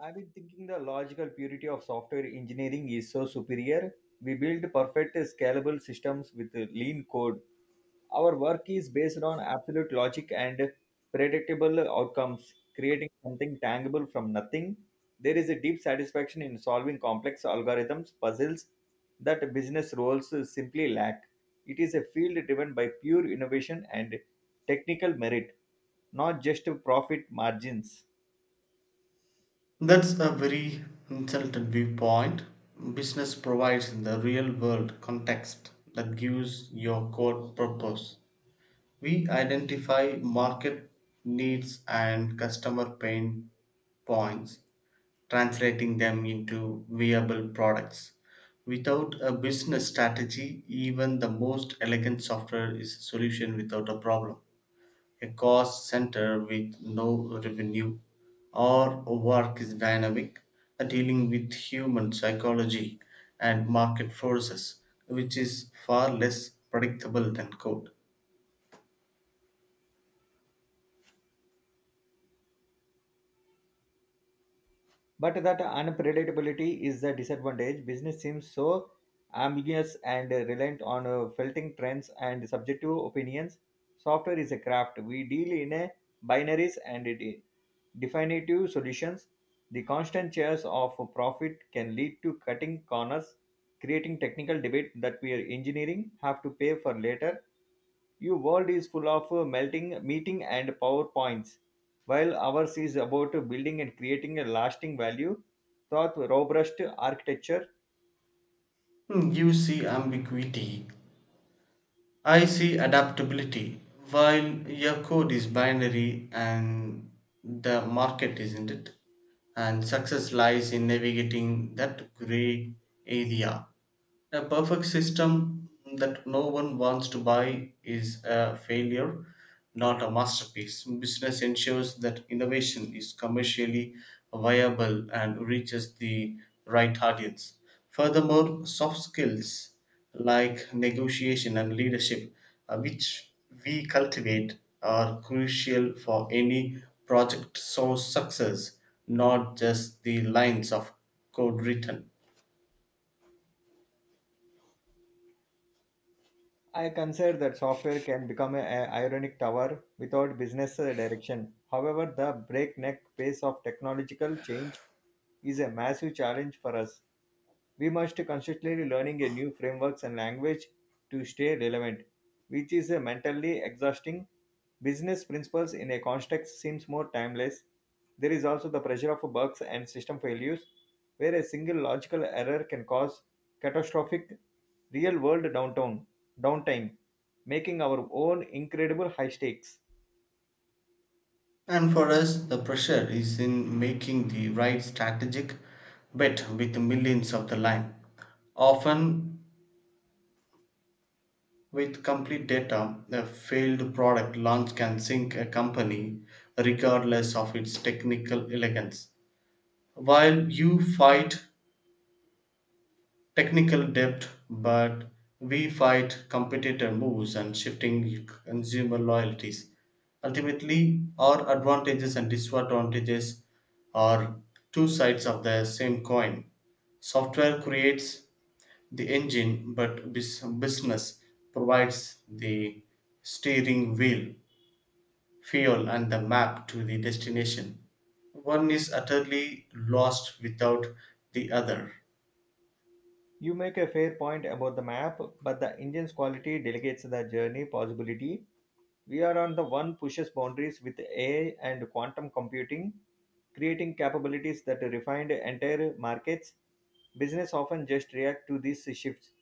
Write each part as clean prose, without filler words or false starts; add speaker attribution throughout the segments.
Speaker 1: I've been thinking the logical purity of software engineering is so superior. We build perfect scalable systems with lean code. Our work is based on absolute logic and predictable outcomes, creating something tangible from nothing. There is a deep satisfaction in solving complex algorithms, puzzles that business roles simply lack. It is a field driven by pure innovation and technical merit, not just profit margins.
Speaker 2: That's a very insulted viewpoint. Business provides the real world context that gives your core purpose. We identify market needs and customer pain points, translating them into viable products. Without a business strategy, even the most elegant software is a solution without a problem, a cost center with no revenue. Our work is dynamic, dealing with human psychology and market forces, which is far less predictable than code.
Speaker 1: But that unpredictability is the disadvantage. Business seems so ambiguous and reliant on filtering trends and subjective opinions. Software is a craft. We deal in a binaries and it definitive solutions. The constant chase of profit can lead to cutting corners, creating technical debate that we are engineering have to pay for later. Your world is full of meeting, and PowerPoints, while ours is about building and creating a lasting value. Thought robust architecture,
Speaker 2: You see ambiguity, I see adaptability. While your code is binary and the market isn't it, and success lies in navigating that gray area. A perfect system that no one wants to buy is a failure, not a masterpiece. Business ensures that innovation is commercially viable and reaches the right audience. Furthermore, soft skills like negotiation and leadership, which we cultivate, are crucial for any project source success, not just the lines of code written.
Speaker 1: I consider that software can become an ironic tower without business direction. However, the breakneck pace of technological change is a massive challenge for us. We must constantly learning a new frameworks and language to stay relevant, which is a mentally exhausting. Business principles in a context seems more timeless. There is also the pressure of bugs and system failures, where a single logical error can cause catastrophic real-world downtown downtime, making our own incredible high stakes.
Speaker 2: And for us, the pressure is in making the right strategic bet with millions of the line. Often, with complete data, a failed product launch can sink a company regardless of its technical elegance. While you fight technical debt, but we fight competitor moves and shifting consumer loyalties. Ultimately, our advantages and disadvantages are two sides of the same coin. Software creates the engine, but business provides the steering wheel, fuel, and the map to the destination. One is utterly lost without the other.
Speaker 1: You make a fair point about the map, but the engine's quality delegates the journey possibility. We are on the one pushes boundaries with AI and quantum computing, creating capabilities that refine entire markets. Business often just react to these shifts.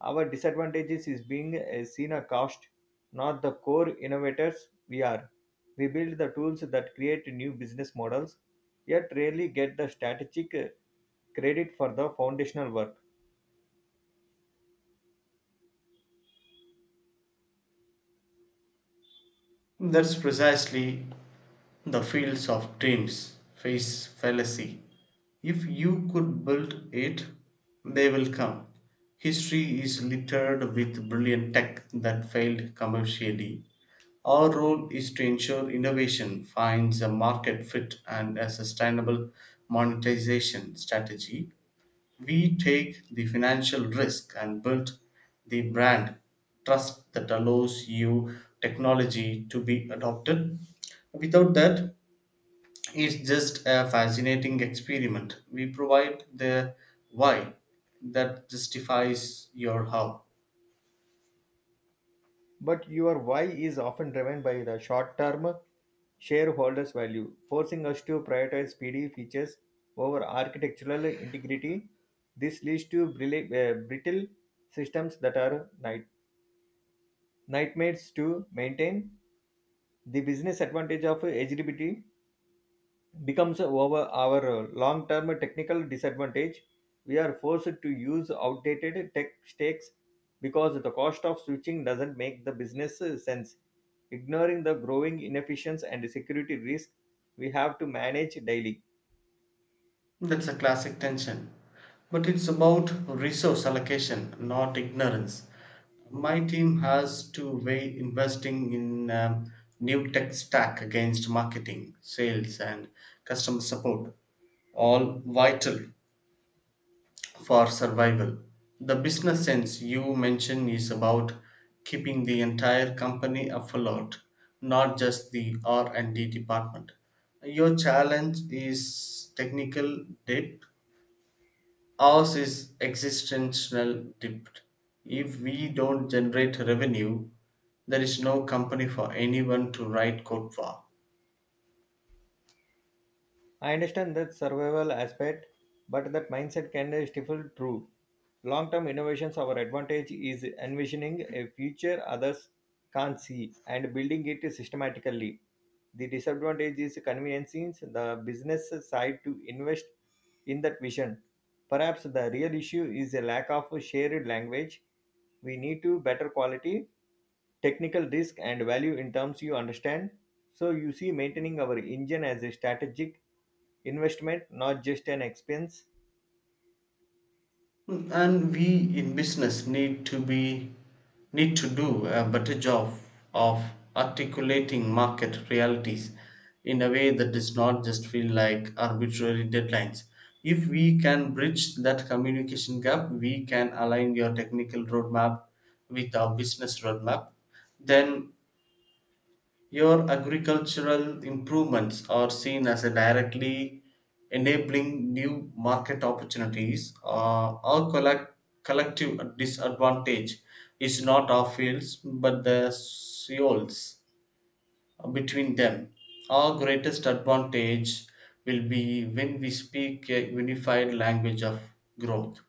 Speaker 1: Our disadvantages is being seen a cost, not the core innovators we are. We build the tools that create new business models, yet rarely get the strategic credit for the foundational work.
Speaker 2: That's precisely the fields of dreams face fallacy. If you could build it, they will come. History is littered with brilliant tech that failed commercially. Our role is to ensure innovation finds a market fit and a sustainable monetization strategy. We take the financial risk and build the brand trust that allows you technology to be adopted. Without that, it's just a fascinating experiment. We provide the why that justifies your how.
Speaker 1: But your why is often driven by the short term shareholders' value, forcing us to prioritize speedy features over architectural integrity. This leads to brittle systems that are night- nightmares to maintain. The business advantage of eligibility becomes over our long term technical disadvantage. We are forced to use outdated tech stakes because the cost of switching doesn't make the business sense. Ignoring the growing inefficiency and security risk we have to manage daily.
Speaker 2: That's a classic tension. But it's about resource allocation, not ignorance. My team has to weigh investing in new tech stack against marketing, sales, and customer support, all vital for survival. The business sense you mention is about keeping the entire company afloat, not just the R&D department. Your challenge is technical debt. Ours is existential debt. If we don't generate revenue, there is no company for anyone to write code for.
Speaker 1: I understand that survival aspect, but that mindset can stifle true long-term innovations. Our advantage is envisioning a future others can't see and building it systematically. The disadvantage is conveniences. The business side to invest in that vision. Perhaps the real issue is a lack of shared language. We need to better quality, technical risk, and value in terms you understand. So you see, maintaining our engine as a strategic investment, not just an expense.
Speaker 2: And we in business need to do a better job of articulating market realities in a way that does not just feel like arbitrary deadlines. If we can bridge that communication gap, we can align your technical roadmap with our business roadmap, then your agricultural improvements are seen as a directly enabling new market opportunities. Our collective disadvantage is not our fields but the soils between them. Our greatest advantage will be when we speak a unified language of growth.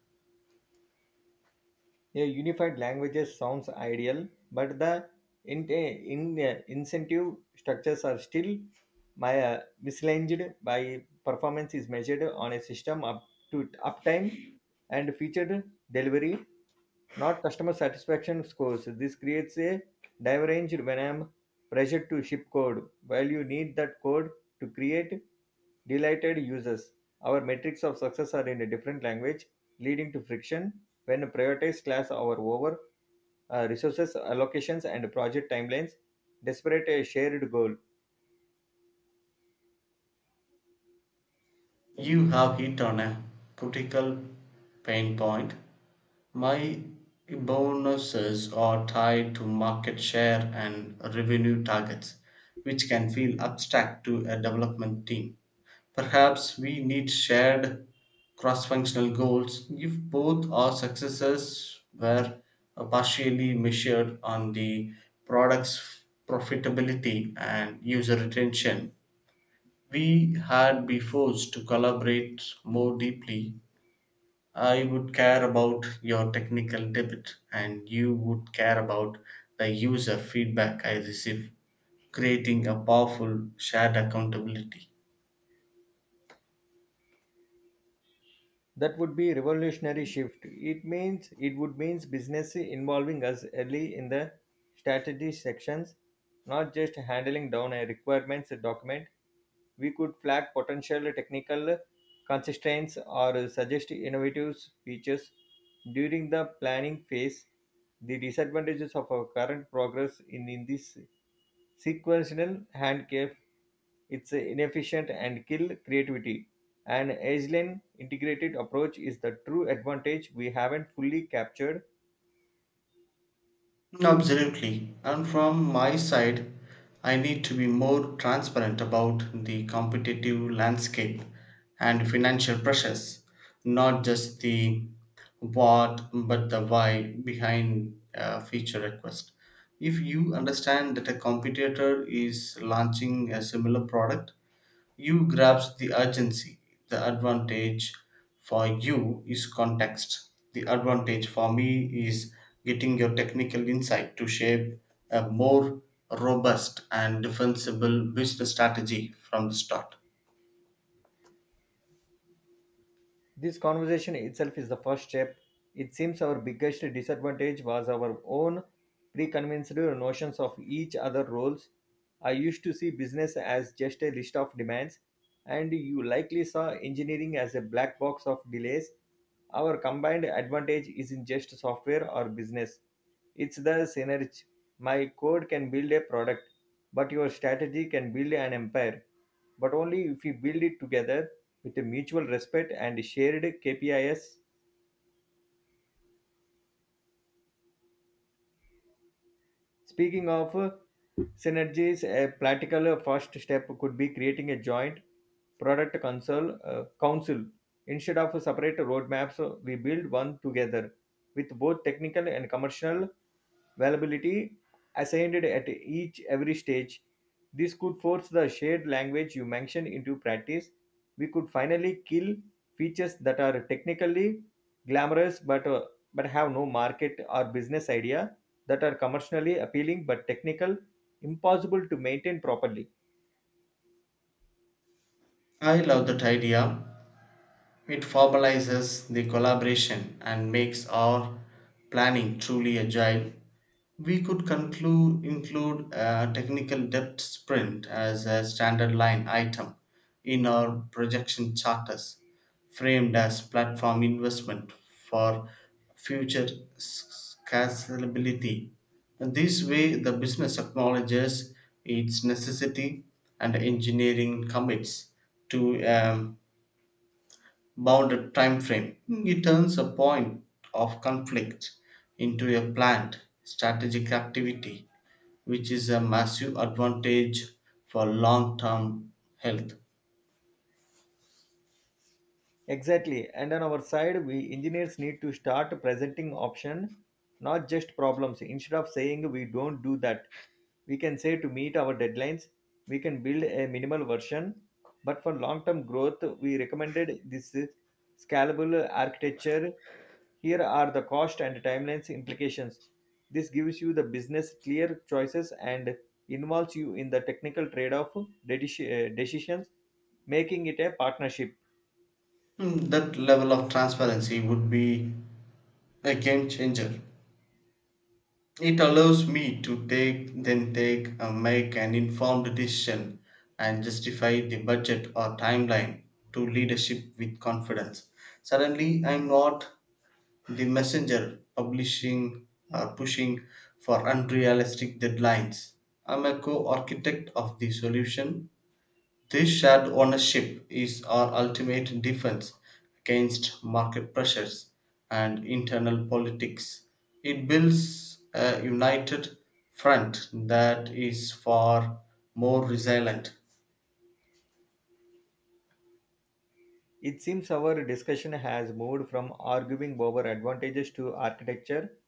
Speaker 1: A unified languages sounds ideal, but the incentive structures are still misaligned by performance is measured on a system up to uptime and featured delivery, not customer satisfaction scores. This creates a divergence when I am pressured to ship code, while you need that code to create delighted users. Our metrics of success are in a different language, leading to friction when prioritized class our over resources allocations and project timelines. Desperate a shared goal.
Speaker 2: You have hit on a critical pain point. My bonuses are tied to market share and revenue targets, which can feel abstract to a development team. Perhaps we need shared cross functional goals. If both our successes were partially measured on the product's profitability and user retention, we had be forced to collaborate more deeply. I would care about your technical debit and you would care about the user feedback I receive, creating a powerful shared accountability.
Speaker 1: That would be revolutionary shift. It would means business involving us early in the strategy sections, not just handling down a requirements document. We could flag potential technical constraints or suggest innovative features during the planning phase. The disadvantages of our current progress in this sequential handcuff, it's inefficient and kill creativity. An agile integrated approach is the true advantage we haven't fully captured.
Speaker 2: Absolutely. And from my side, I need to be more transparent about the competitive landscape and financial pressures, not just the what but the why behind a feature request. If you understand that a competitor is launching a similar product, you grasp the urgency. The advantage for you is context. The advantage for me is getting your technical insight to shape a more robust and defensible business strategy from the start.
Speaker 1: This conversation itself is the first step. It seems our biggest disadvantage was our own preconceived notions of each other roles. I used to see business as just a list of demands, and you likely saw engineering as a black box of delays. Our combined advantage isn't just software or business, it's the synergy. My code can build a product, but your strategy can build an empire, but only if we build it together with a mutual respect and shared KPIs. Speaking of synergies, a practical first step could be creating a joint product council. Council. Instead of separate roadmaps, we build one together with both technical and commercial availability assigned at each every stage. This could force the shared language you mentioned into practice. We could finally kill features that are technically glamorous but have no market or business idea that are commercially appealing but technical impossible to maintain properly.
Speaker 2: I love that idea. It formalizes the collaboration and makes our planning truly agile. We could conclude, include a technical depth sprint as a standard line item in our projection charters, framed as platform investment for future scalability. And this way, the business acknowledges its necessity and engineering commits to bounded time frame. It turns a point of conflict into a planned strategic activity, which is a massive advantage for long term health.
Speaker 1: Exactly. And on our side, we engineers need to start presenting option, not just problems. Instead of saying we don't do that, we can say to meet our deadlines, we can build a minimal version. But for long-term growth, we recommended this scalable architecture. Here are the cost and timelines implications. This gives you the business clear choices and involves you in the technical trade-off dedish- decisions, making it a partnership.
Speaker 2: That level of transparency would be a game changer. It allows me to take and make an informed decision and justify the budget or timeline to leadership with confidence. Suddenly I'm not the messenger publishing are pushing for unrealistic deadlines. I'm a co-architect of the solution. This shared ownership is our ultimate defense against market pressures and internal politics. It builds a united front that is far more resilient.
Speaker 1: It seems our discussion has moved from arguing over advantages to architecture,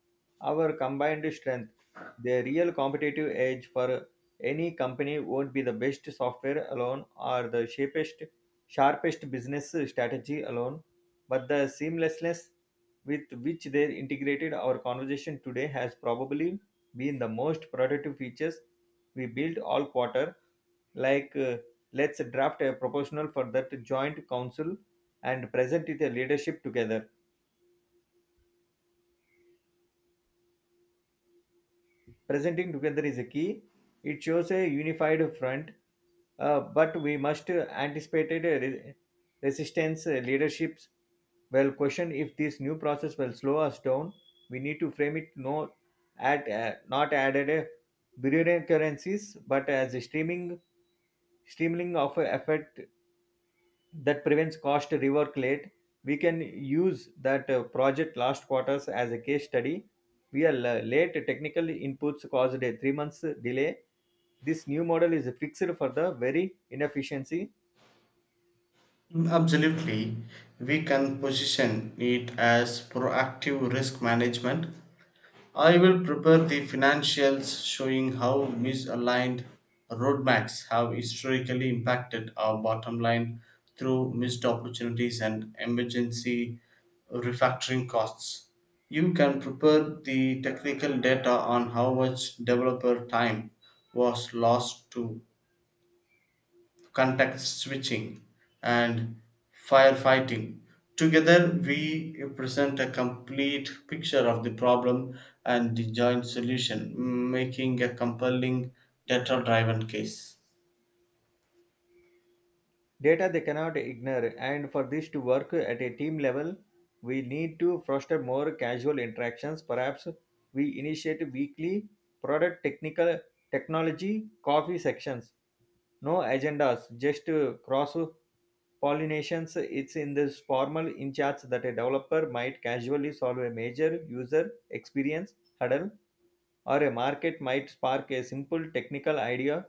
Speaker 1: our combined strength. The real competitive edge for any company won't be the best software alone or the sharpest business strategy alone, but the seamlessness with which they integrated our conversation today has probably been the most productive features we built all quarter. Like let's draft a proposal for that joint council and present it a leadership together. Presenting together is a key. It shows a unified front, but we must anticipate a resistance. Leaderships well question if this new process will slow us down. We need to frame it no at not added a brilliant, but as a streaming streamlining of a effort that prevents cost rework late. We can use that project last quarters as a case study. We are late technical inputs caused a 3 months delay. This new model is fixed for the very inefficiency.
Speaker 2: Absolutely, we can position it as proactive risk management. I will prepare the financials showing how misaligned roadmaps have historically impacted our bottom line through missed opportunities and emergency refactoring costs. You can prepare the technical data on how much developer time was lost to context switching, and firefighting. Together, we present a complete picture of the problem and the joint solution, making a compelling data driven case.
Speaker 1: Data they cannot ignore. And for this to work at a team level, we need to foster more casual interactions. Perhaps we initiate weekly product technical technology coffee sections, no agendas, just cross pollinations. It's in this formal in charge that a developer might casually solve a major user experience hurdle, or a market might spark a simple technical idea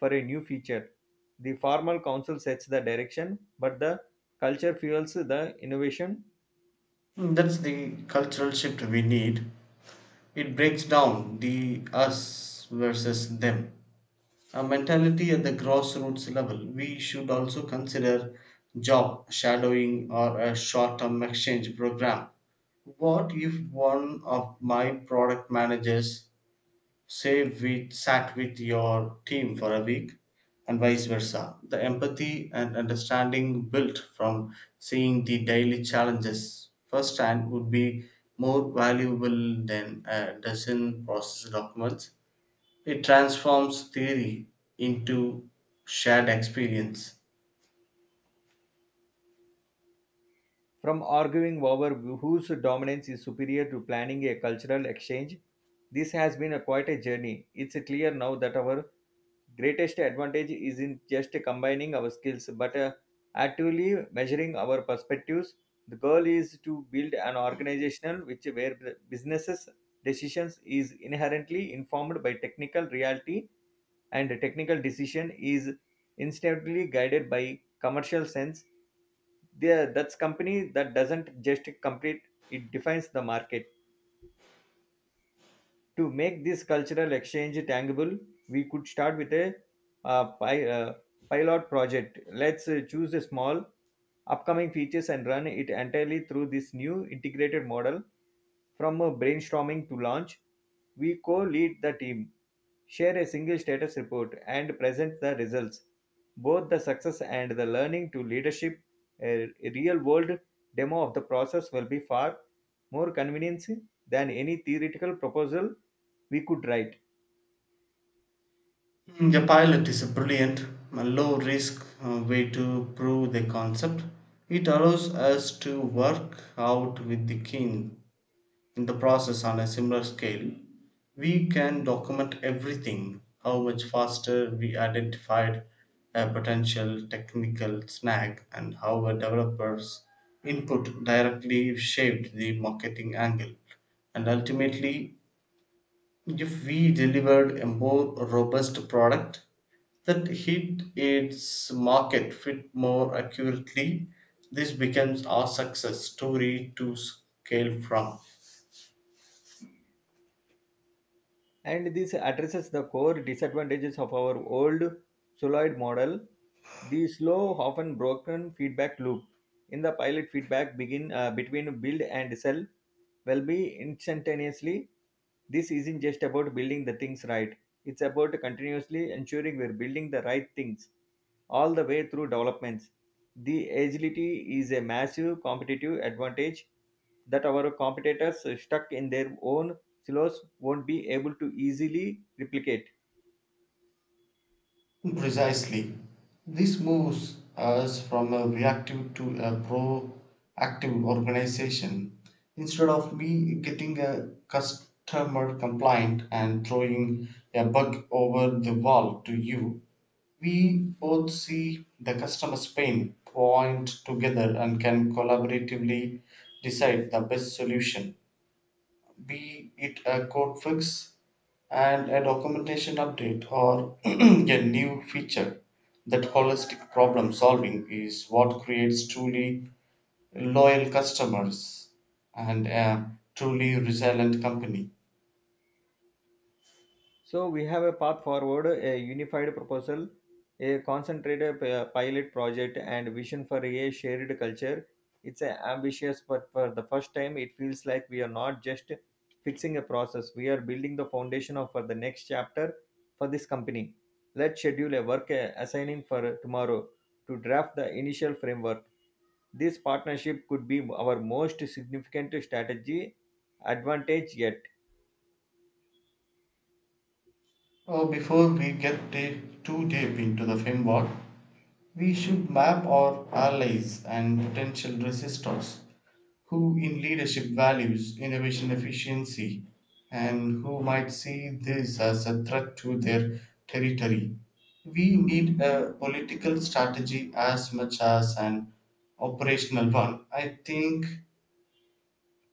Speaker 1: for a new feature. The formal council sets the direction, but the culture fuels the innovation.
Speaker 2: That's the cultural shift we need. It breaks down the us versus them a mentality at the grassroots level. We should also consider job shadowing or a short term exchange program. What if one of my product managers, say, we sat with your team for a week and vice versa? The empathy and understanding built from seeing the daily challenges firsthand would be more valuable than a dozen process documents. It transforms theory into shared experience.
Speaker 1: From arguing over whose dominance is superior to planning a cultural exchange, this has been a quite a journey. It's clear now that our greatest advantage isn't just combining our skills, but actively measuring our perspectives. The goal is to build an organization which where the businesses decisions is inherently informed by technical reality, and the technical decision is instantly guided by commercial sense. There that's company that doesn't just compete, it defines the market. To make this cultural exchange tangible, we could start with a uh, pi- uh, pilot project. Let's choose a small upcoming features and run it entirely through this new integrated model from a brainstorming to launch. We co-lead the team, share a single status report, and present the results. Both the success and the learning to leadership, a real-world demo of the process will be far more convincing than any theoretical proposal we could write.
Speaker 2: A pilot is a brilliant, a low risk way to prove the concept. It allows us to work out with the king in the process on a similar scale. We can document everything, how much faster we identified a potential technical snag, and how a developer's input directly shaped the marketing angle. And ultimately, if we delivered a more robust product that hit its market fit more accurately, this becomes our success story to scale from.
Speaker 1: And this addresses the core disadvantages of our old solenoid model, the slow often broken feedback loop. In the pilot, feedback begin between build and sell will be instantaneously. This isn't just about building the things right, it's about continuously ensuring we're building the right things all the way through developments. The agility is a massive competitive advantage that our competitors are stuck in their own silos won't be able to easily replicate.
Speaker 2: Precisely. This moves us from a reactive to a proactive organization. Instead of me getting a customer complaint and throwing a bug over the wall to you, we both see the customer's pain point together and can collaboratively decide the best solution, be it a code fix and a documentation update or a new feature. That holistic problem solving is what creates truly loyal customers and a truly resilient company.
Speaker 1: So we have a path forward: a unified proposal, a concentrated pilot project, and vision for a shared culture. It's a ambitious, but for the first time, it feels like we are not just fixing a process. We are building the foundation of for the next chapter for this company. Let's schedule a work assigning for tomorrow to draft the initial framework. This partnership could be our most significant strategy advantage yet.
Speaker 2: Before we get too deep into the framework, we should map our allies and potential resistors. Who in leadership values innovation efficiency, and who might see this as a threat to their territory? We need a political strategy as much as an operational one. I think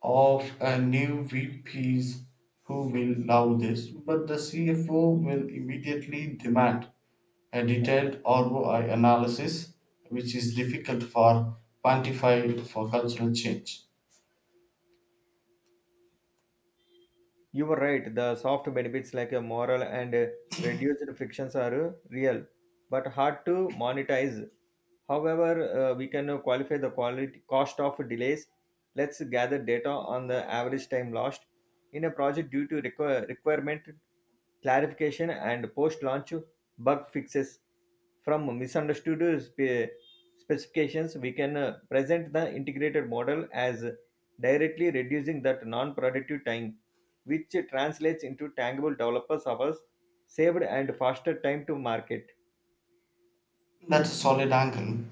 Speaker 2: of a new VPs who will love this, but the CFO will immediately demand a detailed ROI analysis, which is difficult for quantify for cultural change.
Speaker 1: You were right, the soft benefits like a moral and reduced frictions are real, but hard to monetize. However, we can qualify the quality cost of delays. Let's gather data on the average time lost in a project due to requirement clarification and post-launch bug fixes from misunderstood specifications. We can present the integrated model as directly reducing that non-productive time, which translates into tangible developers hours saved and faster time to market.
Speaker 2: That's a solid angle.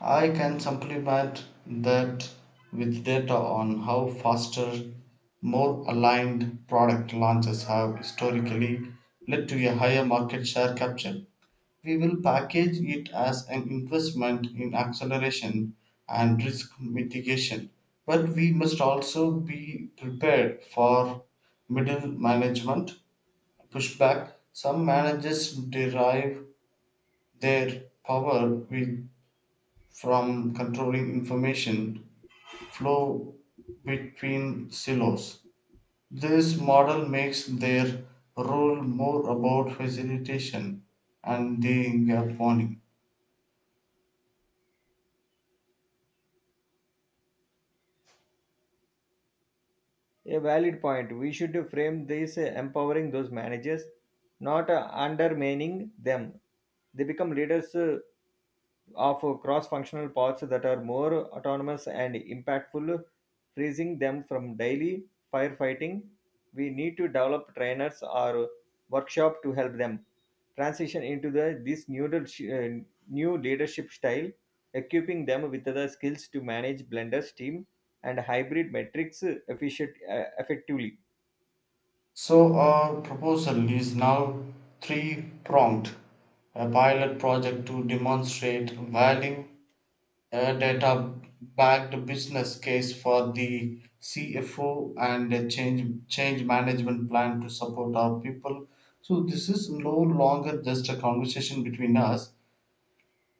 Speaker 2: I can supplement that with data on how faster, more aligned product launches have historically led to a higher market share capture. We will package it as an investment in acceleration and risk mitigation, but we must also be prepared for middle management pushback. Some managers derive their power with from controlling information flow between silos. This model makes their role more about facilitation and the gap warning.
Speaker 1: A valid point, we should frame this empowering those managers, not undermining them. They become leaders of cross-functional pods that are more autonomous and impactful, freezing them from daily firefighting. We need to develop trainers or workshop to help them transition into the this new new leadership style, equipping them with the skills to manage Blender's team and hybrid metrics efficient effectively.
Speaker 2: So, our proposal is now three pronged: a pilot project to demonstrate value, a data backed business case for the CFO, and a change management plan to support our people. So this is no longer just a conversation between us.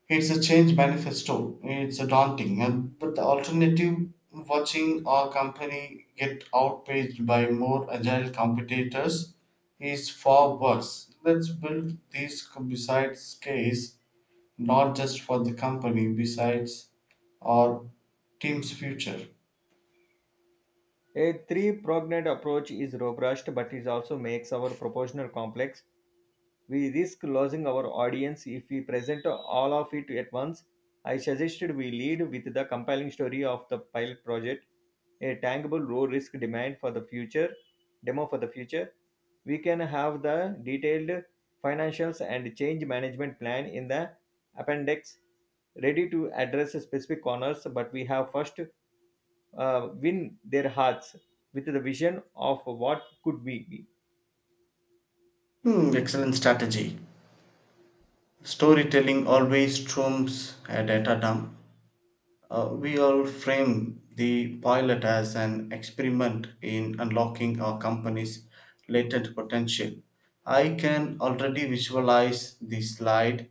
Speaker 2: It's a change manifesto. It's a daunting, and but the alternative, watching our company get outpaced by more agile competitors, is far worse. Let's build these besides case, not just for the company, besides our team's future.
Speaker 1: A three-pronged approach is robust, but it also makes our proportional complex. We risk losing our audience if we present all of it at once. I suggested we lead with the compelling story of the pilot project, a tangible low risk demand for the future, demo for the future. We can have the detailed financials and change management plan in the appendix, ready to address specific corners, but we have first win their hearts with the vision of what could be.
Speaker 2: Excellent strategy. Storytelling always trumps a data dump. We all frame the pilot as an experiment in unlocking our company's latent potential. I can already visualize the slide,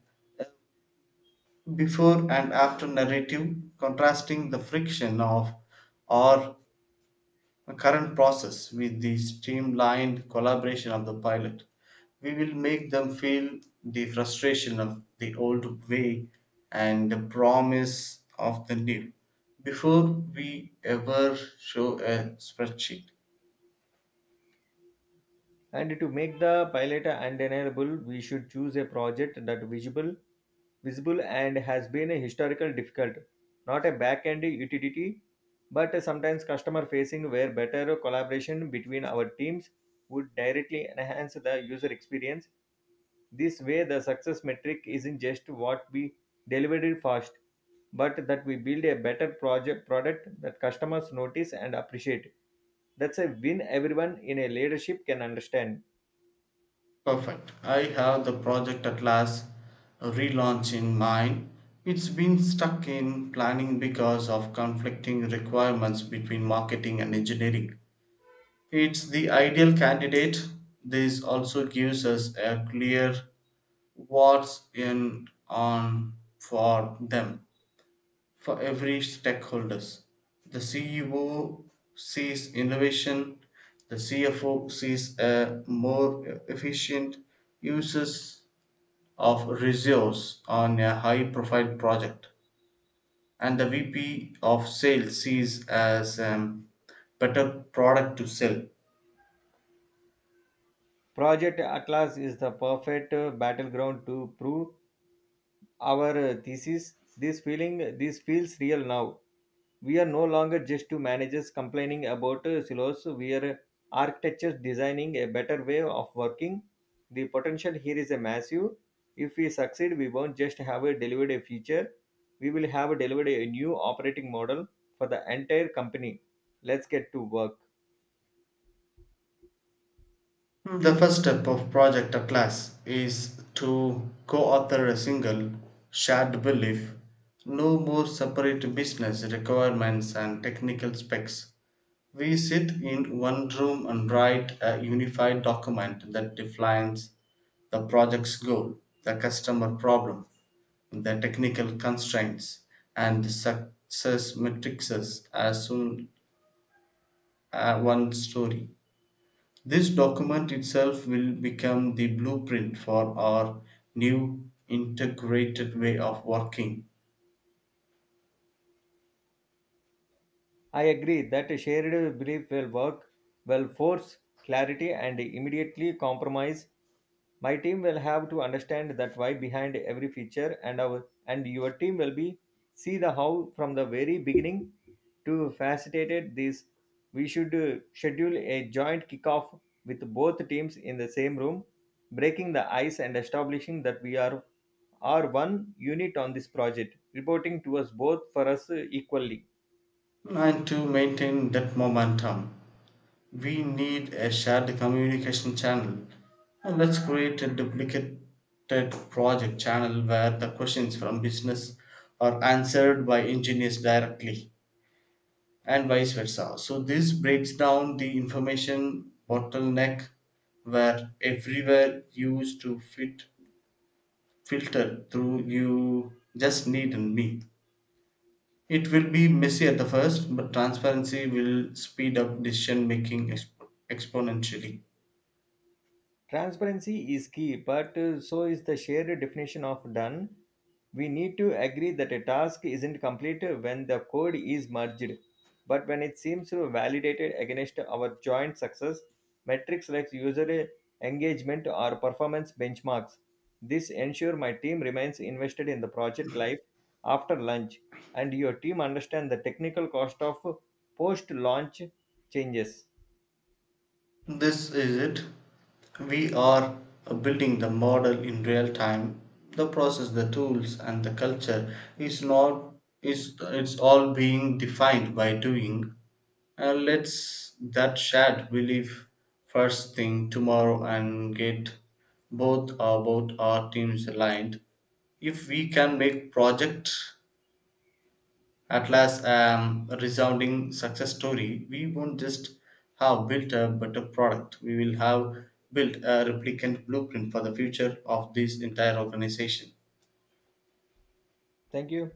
Speaker 2: before and after narrative contrasting the friction of our a current process with the streamlined collaboration of the pilot. We will make them feel the frustration of the old way and the promise of the new before we ever show a spreadsheet.
Speaker 1: And to make the pilot undeniable, we should choose a project that visible and has been a historical difficult, not a back-end utility, but sometimes customer-facing, where better collaboration between our teams would directly enhance the user experience. This way, the success metric isn't just what we delivered fast, but that we build a better project product that customers notice and appreciate. That's a win everyone in a leadership can understand.
Speaker 2: Perfect. I have the project at last a relaunch in mind. It's been stuck in planning because of conflicting requirements between marketing and engineering. It's the ideal candidate. This also gives us a clear what's in on for them for every stakeholders. The CEO sees innovation, the CFO sees a more efficient uses of resource on a high profile project, and the VP of sales sees as a better product to sell.
Speaker 1: Project Atlas is the perfect battleground to prove our thesis. This this feels real now. We are no longer just two managers complaining about silos. We are architectures designing a better way of working. The potential here is a massive. If we succeed, we won't just have a delivered a feature. We will have delivered a new operating model for the entire company. Let's get to work.
Speaker 2: The first step of Project Atlas is to co author a single, shared belief. No more separate business requirements and technical specs. We sit in one room and write a unified document that defines the project's goal, the customer problem, the technical constraints, and success metrics as soon as one story. This document itself will become the blueprint for our new integrated way of working.
Speaker 1: I agree that a shared belief will work, will force clarity and immediately compromise. My team will have to understand that why behind every feature, and our and your team will be see the how from the very beginning to facilitate this. We should schedule a joint kickoff with both teams in the same room, breaking the ice and establishing that we are one unit on this project, reporting to us both for us equally.
Speaker 2: And to maintain that momentum, we need a shared communication channel. And let's create a duplicated project channel where the questions from business are answered by engineers directly and vice versa. So this breaks down the information bottleneck where everywhere used to fit filtered through you just need me. It will be messy at the first, but transparency will speed up decision making exponentially.
Speaker 1: Transparency is key, but so is the shared definition of done. We need to agree that a task isn't complete when the code is merged, but when it seems validated against our joint success metrics like user engagement or performance benchmarks. This ensure my team remains invested in the project life after lunch, and your team understand the technical cost of post-launch changes.
Speaker 2: This is it. We are building the model in real time. The process, the tools, and the culture is not is it's all being defined by doing. And let's that shared belief first thing tomorrow and get both our teams aligned. If we can make project at last a resounding success story, we won't just have built a better product, we will have built a replicant blueprint for the future of this entire organization.
Speaker 1: Thank you.